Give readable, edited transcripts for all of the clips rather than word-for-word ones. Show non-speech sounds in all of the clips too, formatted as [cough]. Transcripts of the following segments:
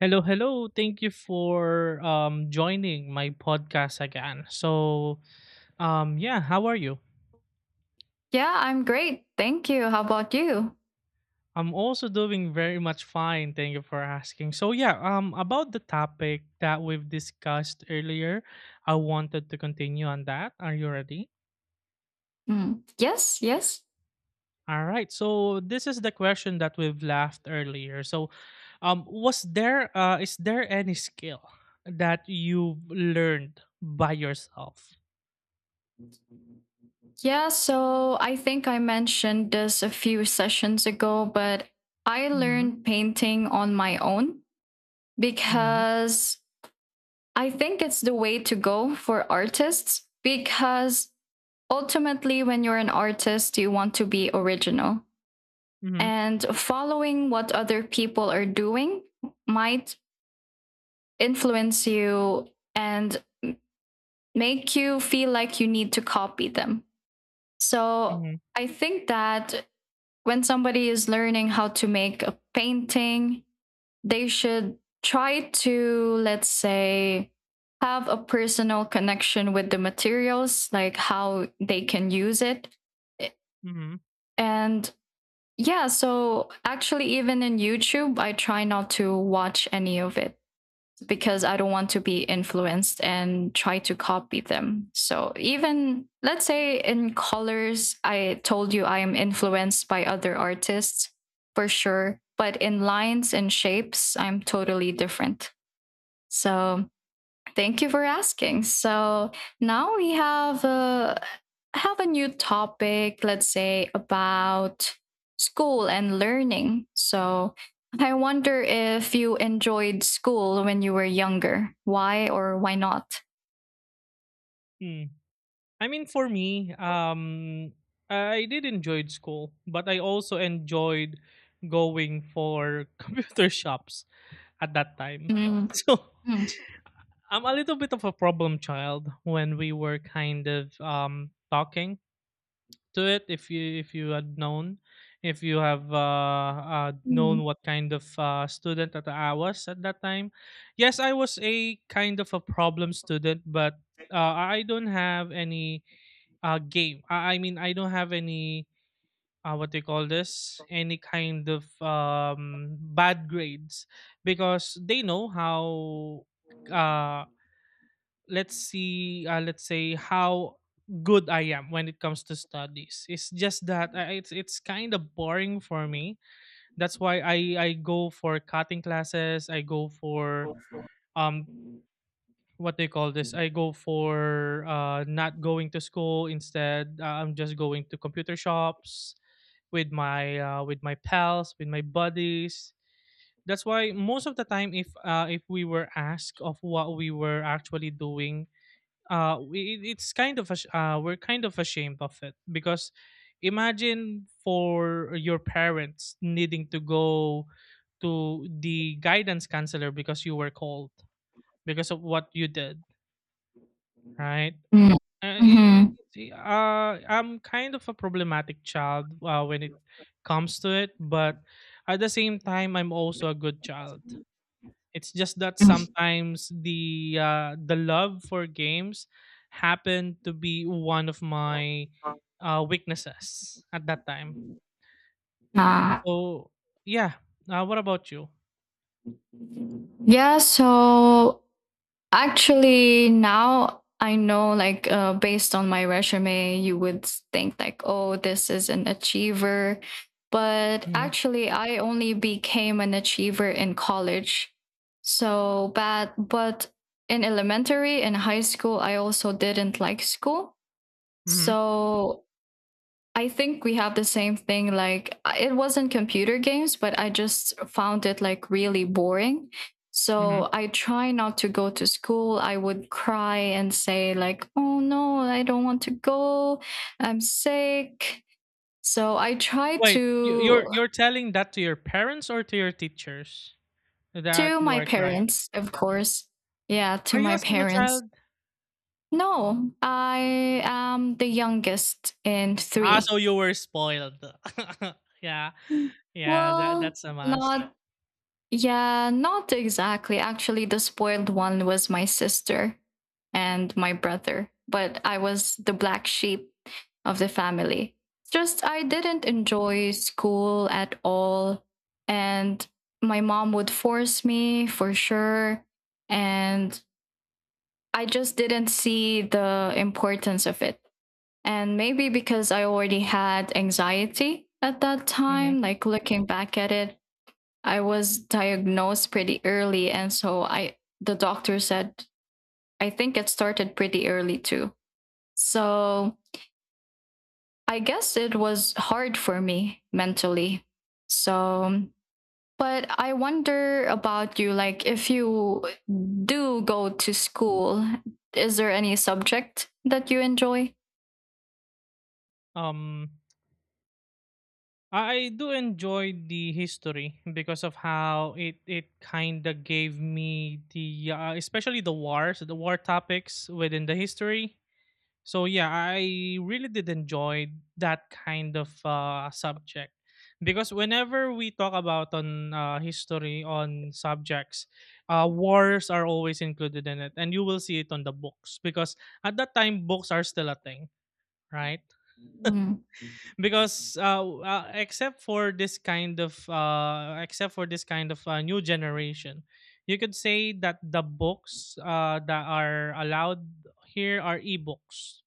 Hello, hello. Thank you for joining my podcast again. So, yeah, how are you? Yeah, I'm great. Thank you. How about you? I'm also doing very much fine. Thank you for asking. So, yeah, about the topic that we've discussed earlier, I wanted to continue on that. Are you ready? Mm. Yes, yes. All right. So, this is the question that we've left earlier. So, was there is there any skill that you've learned by yourself? Yeah, so I think I mentioned this a few sessions ago, but I Mhm. learned painting on my own Mhm. because I think it's the way to go for artists because ultimately, when you're an artist, you want to be original. And following what other people are doing might influence you and make you feel like you need to copy them. So Mhm. I think that when somebody is learning how to make a painting, they should try to, let's say, have a personal connection with the materials, like how they can use it. Mhm, And yeah, so actually, even in YouTube, I try not to watch any of it because I don't want to be influenced and try to copy them. So, even let's say in colors, I told you I am influenced by other artists for sure, but in lines and shapes, I'm totally different. So, thank you for asking. So now we have a new topic, let's say about school and learning. So I wonder if you enjoyed school when you were younger. Why or why not? mm. I mean, for me, I did enjoyed school, but I also enjoyed going for [laughs] computer shops at that time. [laughs] Mm. So Mm. I'm a little bit of a problem child when we were kind of talking to it. If you had known, if you have Mm. known what kind of student that I was at that time, yes, I was a kind of a problem student, but I don't have any I mean I don't have any what do you call this, any kind of bad grades because they know how uh let's see, let's say how good I am when it comes to studies. It's just that it's kind of boring for me. That's why i go for cutting classes. I go for um what they call this I go for not going to school. Instead, I'm just going to computer shops with my pals, with my buddies. That's why most of the time, if we were asked of what we were actually doing, we, it- it's kind of ash- we're kind of ashamed of it because imagine for your parents needing to go to the guidance counselor because you were called because of what you did, right? Mm. uh, i- Mhm. I'm kind of a problematic child when it comes to it, but at the same time, I'm also a good child. It's just that Mm. sometimes the love for games happened to be one of my weaknesses at that time. Ah. So yeah, what about you? Yeah, so actually, now I know, like, based on my resume, you would think, like, oh, this is an achiever. But Hmm. actually, I only became an achiever in college. So bad. But in elementary and high school, I also didn't like school. Hmm. So I think we have the same thing. Like, it wasn't computer games, but I just found it like really boring. Hmm. So I try not to go to school. I would cry and say, like, oh no, I don't want to go. I'm sick. So I try Wait, you, you're you're telling that to your parents or to your teachers that to you my are crying? parents, of course. Yeah, to Are you my a single parents. child? No, I am the youngest in Ah, three. so you were spoiled. [laughs] Yeah. Yeah, that Well, that's a must. not. Yeah, not exactly. Actually, the spoiled one was my sister and my brother, but I was the black sheep of the family. Just I didn't enjoy school at all. And my mom would force me for sure. And I just didn't see the importance of it. And maybe because I already had anxiety at that Mhm. time, like looking back at it, I was diagnosed pretty early. And so I, the doctor said, I think it started pretty early too. So I guess it was hard for me mentally. So, but I wonder about you, like, if you do go to school, is there any subject that you enjoy? Um, I do enjoy the history because of how it it kinda gave me the, especially the wars, the war topics within the history. So yeah, I really did enjoy that kind of subject because whenever we talk about on history on subjects, wars are always included in it, and you will see it on the books because at that time books are still a thing, right? Mm. Because except for this kind of except for this kind of new generation, you could say that the books that are allowed here are ebooks,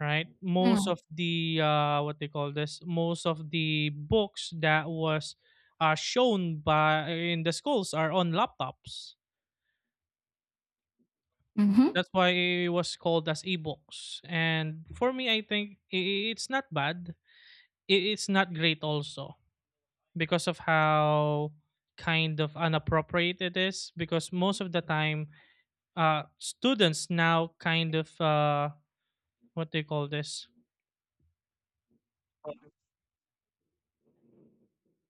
right? Most Mm. of the what they call this most of the books that was shown by in the schools are on laptops. Hmm. That's why it was called as ebooks. And for me, I think it's not bad. It's not great also, because of how kind of unappropriate it is. Because most of the time, students now kind of what they call this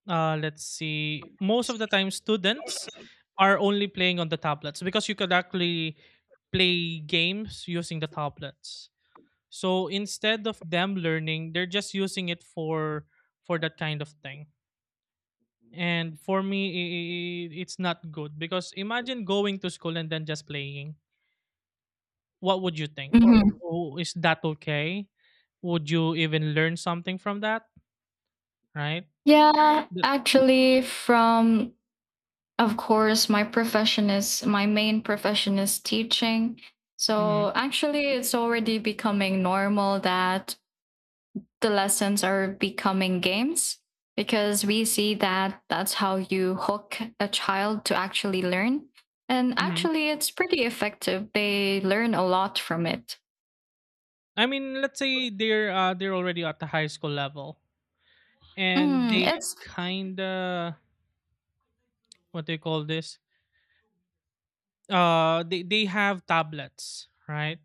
Let's see. Most of the time, students are only playing on the tablets because you could actually play games using the tablets. So instead of them learning, they're just using it for that kind of thing. And for me, it's not good because imagine going to school and then just playing. What would you think? Oh, is that okay? Would you even learn something from that? Right? Yeah, The- actually, from of course, my main profession is teaching. mhm, So actually, it's already becoming normal that the lessons are becoming games because we see that that's how you hook a child to actually learn. And mhm. actually, it's pretty effective. They learn a lot from it. I mean, let's say they're already at the high school level, and Mm, they it's kind of, what do you call this? They have tablets, right?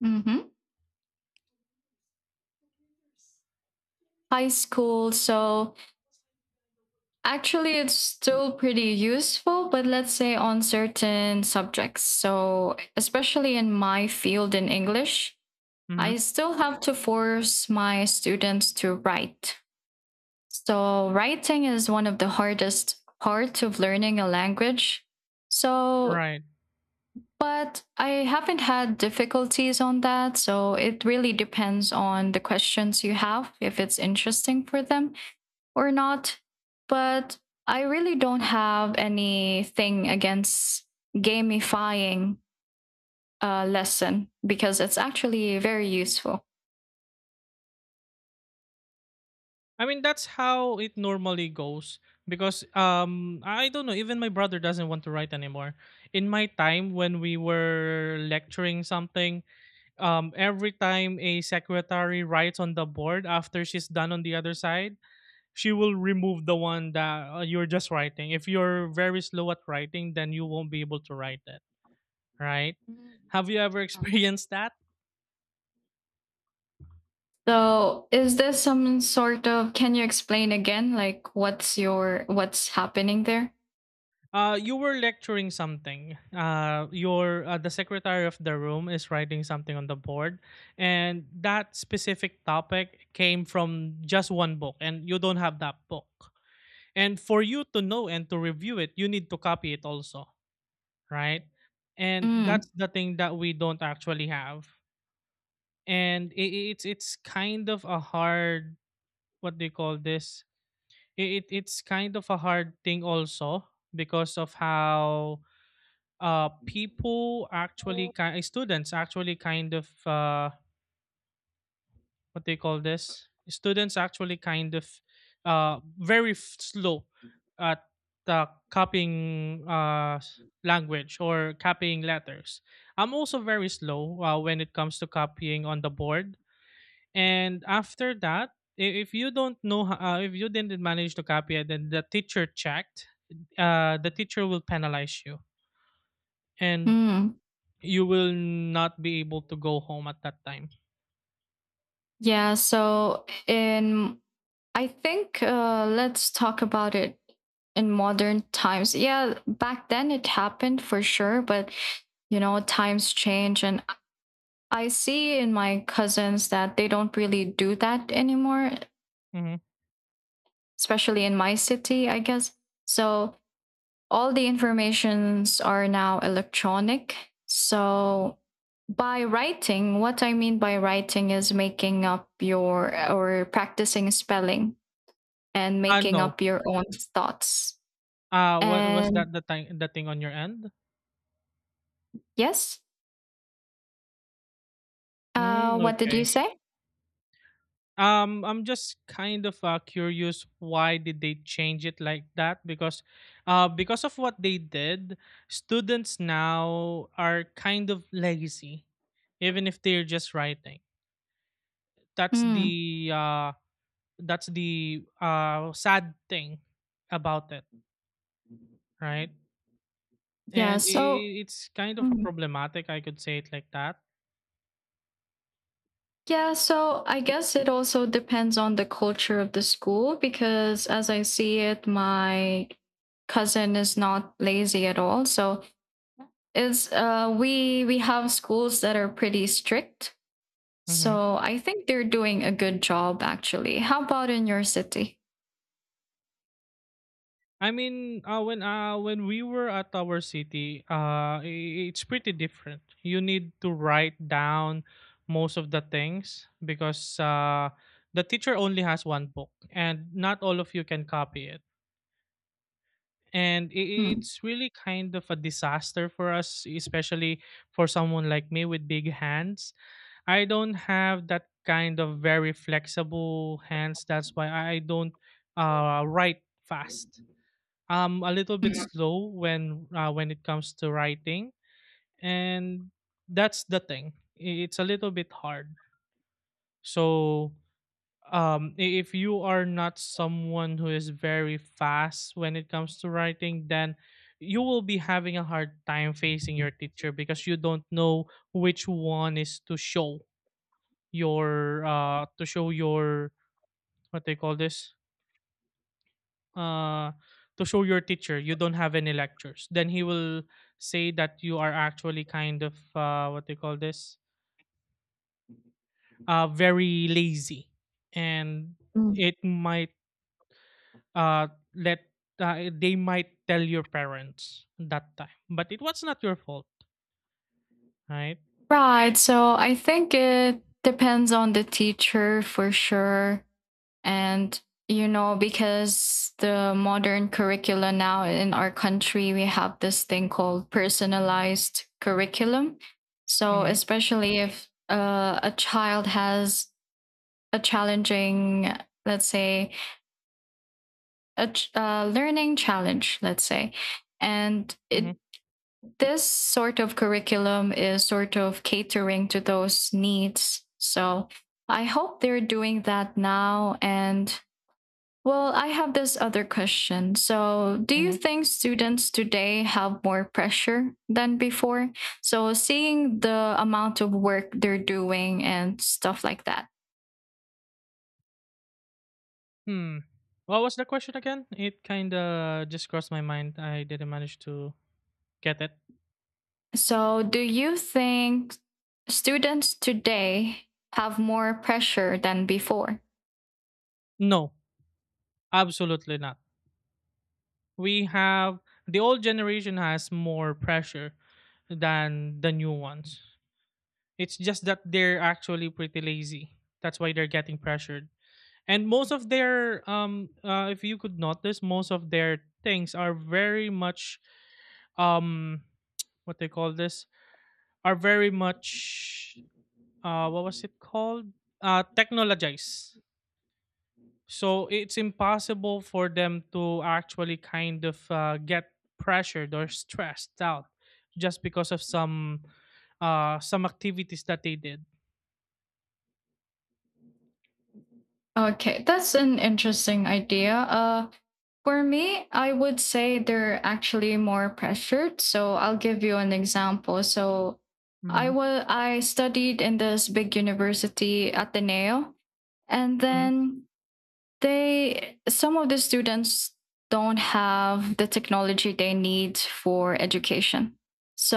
mhm, high school. So actually, it's still pretty useful, but let's say on certain subjects. So, especially in my field in English, Mm-hmm. I still have to force my students to write. So, writing is one of the hardest parts of learning a language. So, Right. but I haven't had difficulties on that. So, it really depends on the questions you have, if it's interesting for them or not, but I really don't have anything against gamifying a lesson because it's actually very useful. I mean, that's how it normally goes because I don't know, even my brother doesn't want to write anymore. In my time when we were lecturing something, every time a secretary writes on the board, after she's done on the other side, she will remove the one that you're just writing. If you're very slow at writing, then you won't be able to write it, right? Have you ever [laughs] experienced that? So, is this some sort of can you explain again, like, what's happening there? You were lecturing something. Your the secretary of the room is writing something on the board, and that specific topic came from just one book, and you don't have that book. And for you to know and to review it, you need to copy it also, right? And Mm. that's the thing that we don't actually have. And I It's kind of a hard, what do you call this? It it's kind of a hard thing also, because of how people actually students actually kind of what do you call this students actually kind of slow at copying language or copying letters. I'm also very slow when it comes to copying on the board. And after that, if you don't know, if you didn't manage to copy it, then the teacher checked. The teacher will penalize you, and Mm. you will not be able to go home at that time. Yeah, so in I think, let's talk about it in modern times. Yeah, back then it happened for sure, but you know, times change. And I see in my cousins that they don't really do that anymore, Mhm. especially in my city, I guess. So all the informations are now electronic. So by writing, what I mean by writing is making up your or practicing spelling and Ah, making no. up your own thoughts. Ah, what was And that, the thing, the thing on your end? yes, Mm, what did you okay. say? I'm just kind of curious, why did they change it like that? Because of what they did, students now are kind of lazy, even if they're just writing. That's Mm, the uh, that's the sad thing about it, right? yeah, And i so i it's kind of a mm, problematic, I could say it like that. I guess it also depends on the culture of the school because as I see it, my cousin is not lazy at all. So it's we have schools that are pretty strict. Hmm. So I think they're doing a good job actually. How about in your city? I mean, when we were at our city, it's pretty different. You need to write down most of the things because the teacher only has one book, and not all of you can copy it. and i- Mm. it's really kind of a disaster for us, especially for someone like me with big hands. I don't have that kind of very flexible hands. That's why I don't write fast. I'm a little bit Mm. slow when it comes to writing. And that's the thing. It's a little bit hard. So if you are not someone who is very fast when it comes to writing, then you will be having a hard time facing your teacher because you don't know which one is to show your to show your, what they call this, uh to show your teacher you don't have any lectures, then he will say that you are actually kind of what they call this very lazy. And Mm. it might, uh let they might tell your parents that time, but it was not your fault, right? Right. So I think it depends on the teacher for sure. And, you know, because the modern curricula now in our country, we have this thing called personalized curriculum. So, Mm-hmm, especially if a child has a challenging, let's say, learning challenge, let's say, and it, mm-hmm, this sort of curriculum is sort of catering to those needs. So, I hope they're doing that now. And well, I have this other question. So, do you mm-hmm. think students today have more pressure than before? So, seeing the amount of work they're doing and stuff like that. Hmm. What was the question again? It kind of just crossed my mind. I didn't manage to get it. So, do you think students today have more pressure than before? No, absolutely not. We have, the old generation has more pressure than the new ones. It's just that they're actually pretty lazy. That's why they're getting pressured. And most of their if you could notice, most of their things are very much um what they call this are very much what was it called? Technologized. So it's impossible for them to actually kind of get pressured or stressed out just because of some activities that they did. Okay, that's an interesting idea. For me, I would say they're actually more pressured. So I'll give you an example. So Mm-hmm. I studied in this big university, Ateneo, and Mm-hmm. then they some of the students don't have the technology they need for education.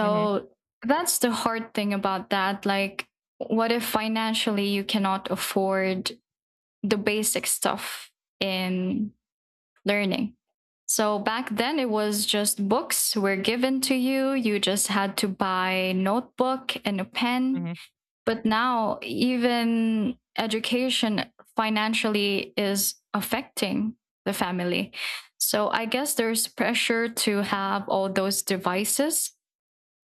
Mm-hmm. that's the hard thing about that. Like, what if financially you cannot afford the basic stuff in learning. So back then it was just books were given to you. You just had to buy a notebook and a pen. Mm-hmm. But now even education financially is affecting the family. So I guess there's pressure to have all those devices.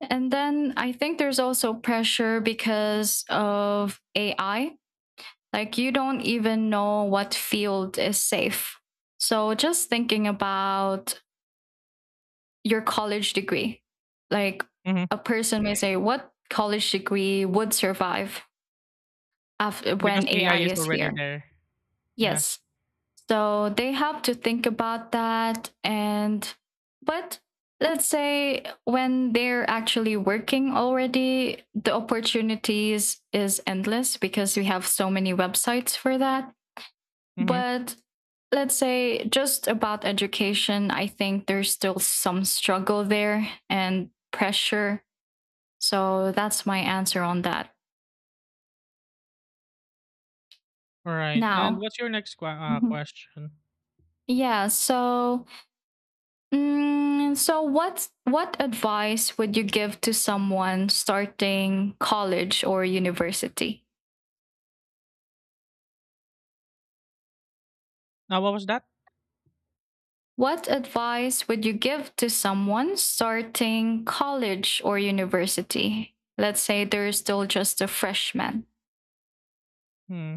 And then I think there's also pressure because of AI, like you don't even know what field is safe. So just thinking about your college degree, like Mm-hmm. a person may say, what college degree would survive after Because when AI AI is is already here? there. Yeah. Yes. So they have to think about that. And, but let's say when they're actually working already, the opportunities is endless because we have so many websites for that. Mm-hmm. But let's say just about education, I think there's still some struggle there and pressure. So that's my answer on that. All right. And Now, what's your next mhm, question? yeah. So, what advice would you give to someone starting college or university? What was that? What advice would you give to someone starting college or university? Let's say they're still just a freshman. Hmm.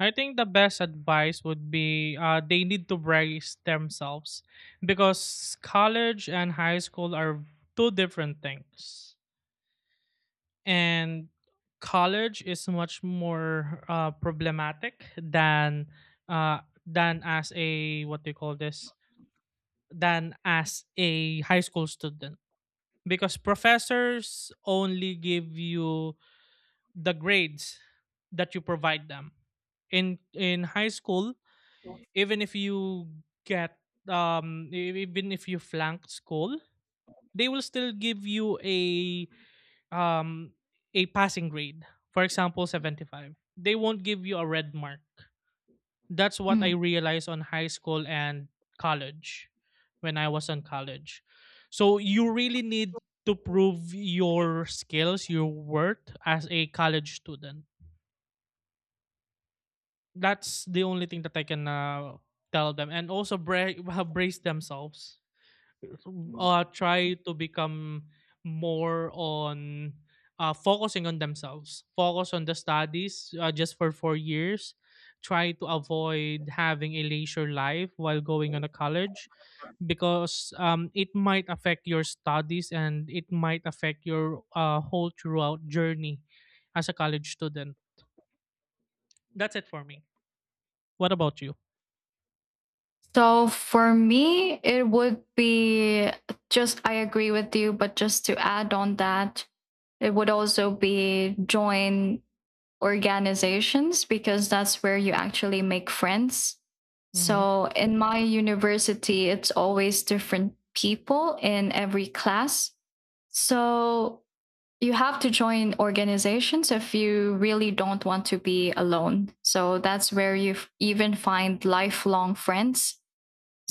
I think the best advice would be, they need to brace themselves because college and high school are two different things. And college is much more problematic uh, than as a, what do you call this, than as a high school student because professors only give you the grades that you provide them in high school. Even if you get even if you flank school, they will still give you a, um a passing grade, for example 75, they won't give you a red mark. That's what I Mm. realized on high school and college when I was in college. So you really need to prove your skills, your worth as a college student. That's the only thing that I can tell them, and also [laughs] brace themselves. Try to become more on focusing on themselves, focus on the studies just for 4 years, try to avoid having a leisure life while going on a college because it might affect your studies and it might affect your whole throughout journey as a college student. That's it for me. What about you? So for me, it would be just, I agree with you, but just to add on that, it would also be join organizations because that's where you actually make friends. Mm-hmm. So in my university, it's always different people in every class. So you have to join organizations if you really don't want to be alone. So that's where you even find lifelong friends,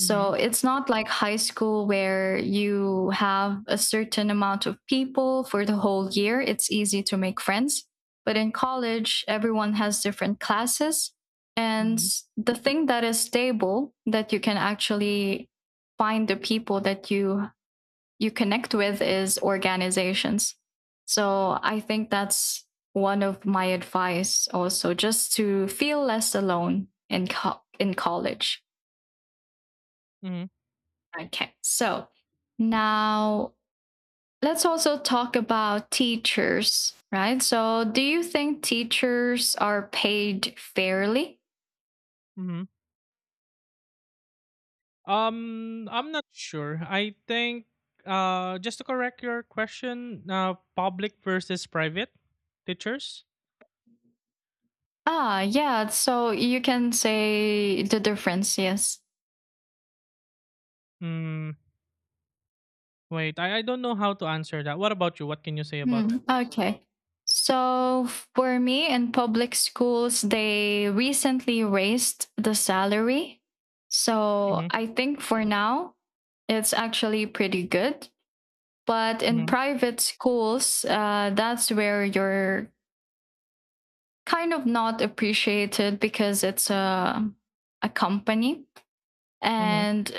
Mm-hmm. it's not like high school where you have a certain amount of people for the whole year. It's easy to make friends. But in college, everyone has different classes. And Mm-hmm. the thing that is stable that you can actually find the people that you connect with is organizations. So I think that's one of my advice also just to feel less alone in in college. Mm-hmm. Okay. So, So now let's also talk about teachers, right? So do you think teachers are paid fairly? mhm. I'm not sure. I think just to correct your question, public versus private teachers. Ah, yeah. So you can say the difference, yes. Hmm. Wait, I don't know how to answer that. What about you? What can you say about Hmm. that? Okay. So for me in public schools, they recently raised the salary. So Mm-hmm, I think for now, it's actually pretty good. But in mm-hmm, private schools, that's where you're kind of not appreciated because it's a company. mm-hmm, And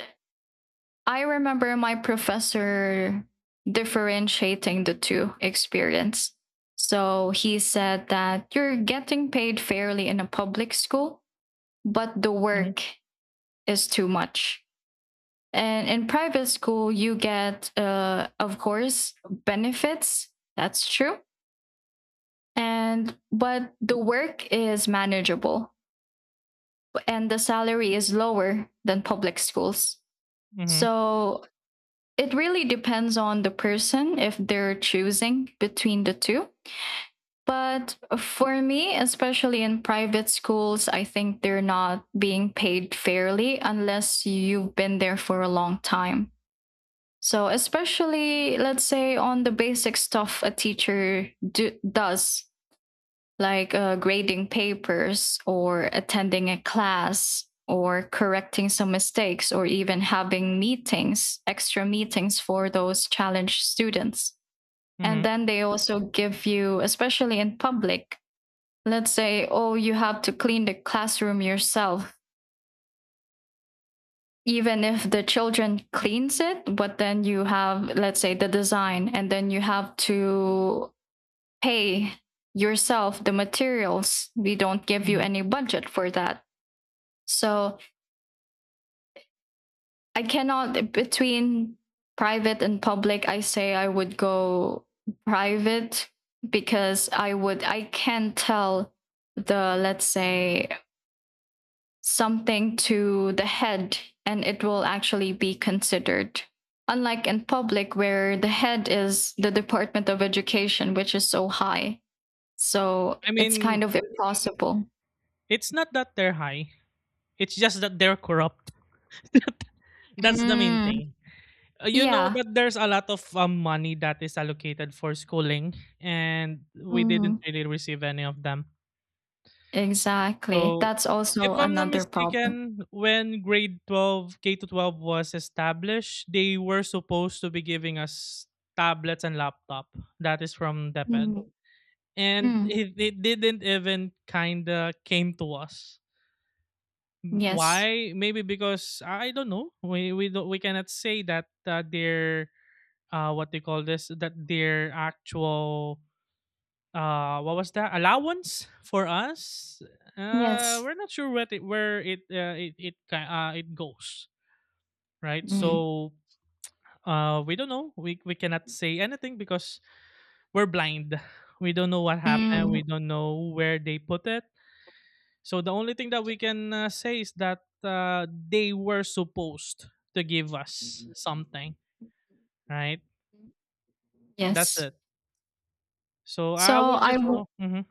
I remember my professor differentiating the two experience. So he said that you're getting paid fairly in a public school, but the mm-hmm, work is too much. And in private school, you get, of course, benefits. That's true. And but the work is manageable and the salary is lower than public schools, mm-hmm, so it really depends on the person if they're choosing between the two, but for me especially in private schools I think they're not being paid fairly unless you've been there for a long time. So especially let's say on the basic stuff a teacher does, like grading papers or attending a class or correcting some mistakes or even having meetings, extra meetings for those challenged students. mm-hmm, And then they also give you, especially in public, let's say, oh, you have to clean the classroom yourself. Even if the children cleans it, but then you have, let's say, the design, and then you have to pay yourself the materials. We don't give you mm-hmm. any budget for that. So I cannot between private and public. I say I would go private because I can tell the, let's say, something to the head and it will actually be considered. Unlike in public where the head is the Department of Education which is so high. So I it's kind mean, of impossible. it's not that they're high. It's just that they're corrupt. [laughs] That's the main Mm, thing. You know yeah. that there's a lot of money that is allocated for schooling, and we didn't Mm, really receive any of them. exactly. So, That's also if I'm not another problem. mistaken, when grade 12, K to 12 was established, they were supposed to be giving us tablets and laptop. That is from DepEd. Mm. And Mm. It didn't even kind of came to us. Yes. Why? Maybe because I don't know. We cannot say that their what they call this, that their actual, what was that allowance for us, Yes. we're not sure what it, where it, it goes, right? Mm. So we don't know, we cannot say anything because we're blind. [laughs] We don't know what happened, we Mm. don't know where they put it. So the only thing that we can say is that they were supposed to give us something, right? That's Yes. it. So I So would I just w- go mhm,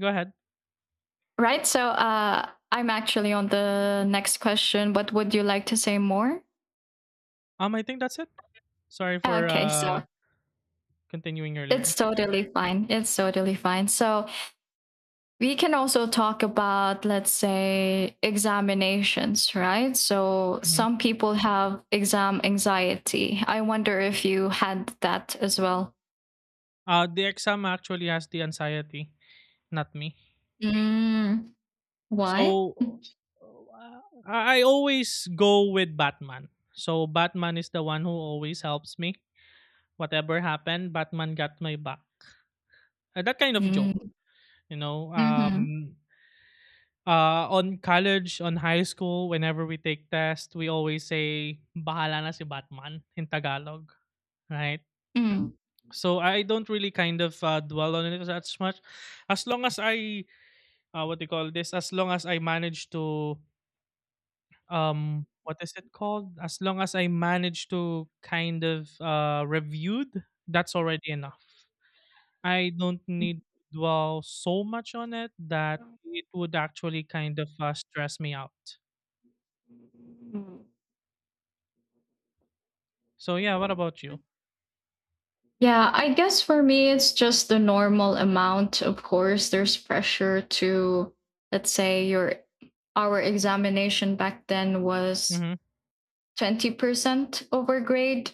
go ahead. right. So I'm actually on the next question. What would you like to say more? I think that's it. Sorry for Okay. So continuing it's earlier. totally fine. It's totally fine. So we can also talk about, let's say, examinations, right? So Mhm. some people have exam anxiety. I wonder if you had that as well. The exam actually has the anxiety, not me. Mm, why? So, uh, I always go with Batman. So Batman is the one who always helps me. Whatever happened, Batman got my back. That kind of joke, Mm. you know. Mhm. On college, on high school, whenever we take tests, we always say "Bahala na si Batman" in Tagalog, right? Mm. So I don't really kind of dwell on it as much, as long as I, what do you call this? As long as I manage to, what is it called? As long as I manage to kind of reviewed, that's already enough. I don't need to dwell so much on it that it would actually kind of stress me out. Mm. So yeah, what about you? Yeah, I guess for me, it's just the normal amount. Of course, there's pressure to, let's say, your our examination back then was Mhm. 20% over grade,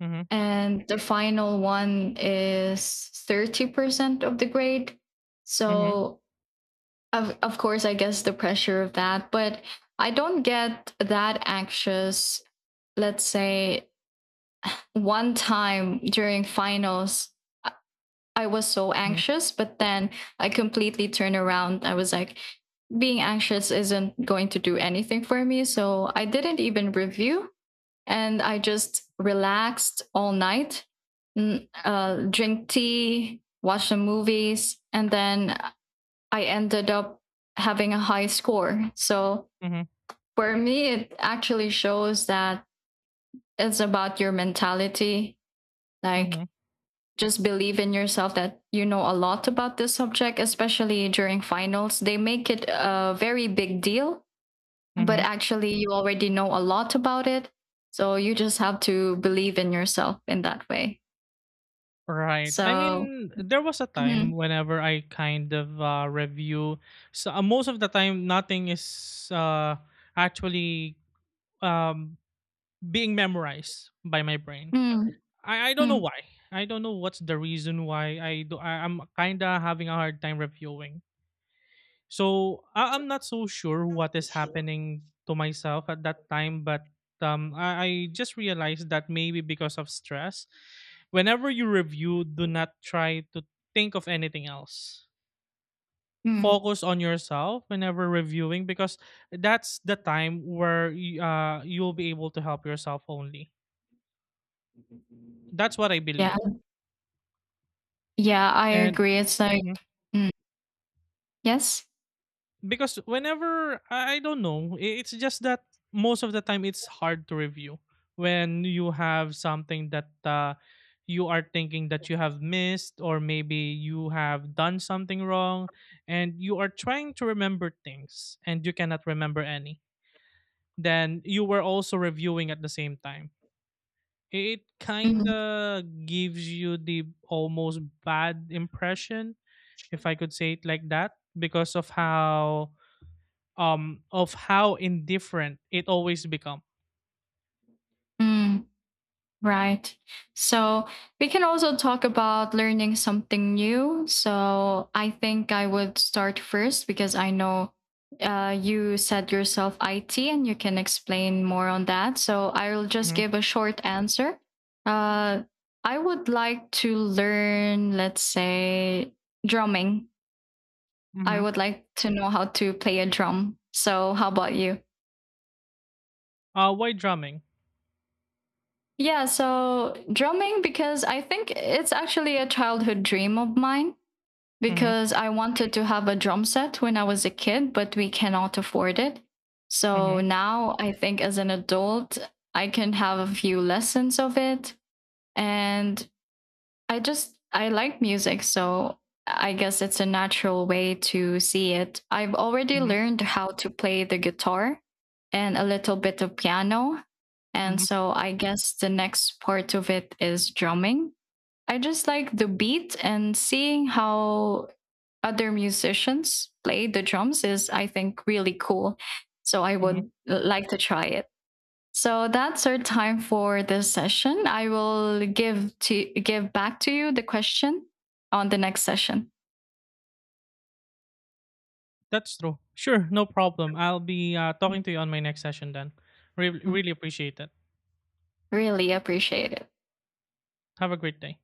Mhm. and the final one is 30% of the grade. Mhm. So, of course, I guess the pressure of that, but I don't get that anxious, let's say, one time during finals I- was so Mhm. anxious but then I completely turned around. I was like, being anxious isn't going to do anything for me, so I didn't even review, and I just relaxed all night, drink tea, watch the movies, and then I ended up having a high score. So Mhm. for me it actually shows that it's about your mentality, like, Mhm. just believe in yourself that you know a lot about this subject, especially during finals. They make it a very big deal, but Mhm. actually, you already know a lot about it. So you just have to believe in yourself in that way. Right. I So, mean, there was a time mhm, whenever I kind of review. So most of the time, nothing is actually, um, being memorized by my brain. mm, I don't know mm, why. I don't know what's the reason why I do. I'm kind of having a hard time reviewing. So I'm not so sure what is happening to myself at that time, but I just realized that maybe because of stress, whenever you review, do not try to think of anything else. mm. Focus on yourself whenever reviewing because that's the time where you'll be able to help yourself only. That's what I Yeah, believe. yeah, I And agree. It's like, Mhm. mm, yes. Because whenever I don't know, it's just that most of the time it's hard to review when you have something that you are thinking that you have missed, or maybe you have done something wrong and you are trying to remember things and you cannot remember any. Then you were also reviewing at the same time. It kind Mm. of gives you the almost bad impression, if I could say it like that, because of how, of how indifferent it always become. Mm. Right. So we can also talk about learning something new. So I think I would start first because I know, you said yourself IT and you can explain more on that. So I'll just Hmm. give a short answer. Uh, I would like to learn, let's say, drumming. I Hmm. would like to know how to play a drum. So, how about you? Why drumming? Yeah, so drumming because I think it's actually a childhood dream of mine, Hmm. because I wanted to have a drum set when I was a kid, but we cannot afford it. Hmm. So now I think as an adult, I can have a few lessons of it. And I like music. So I guess it's a natural way to see it. I've already Hmm. learned how to play the guitar and a little bit of piano. And Hmm. so I guess the next part of it is drumming. I just like the beat and seeing how other musicians play the drums is, I think, really cool. So I Hmm. would like to try it. So that's our time for this session. I will give back to you the question on the next session. That's true. Sure, no problem. I'll be talking to you on my next session then. Really appreciate it. Really appreciate it. Have a great day.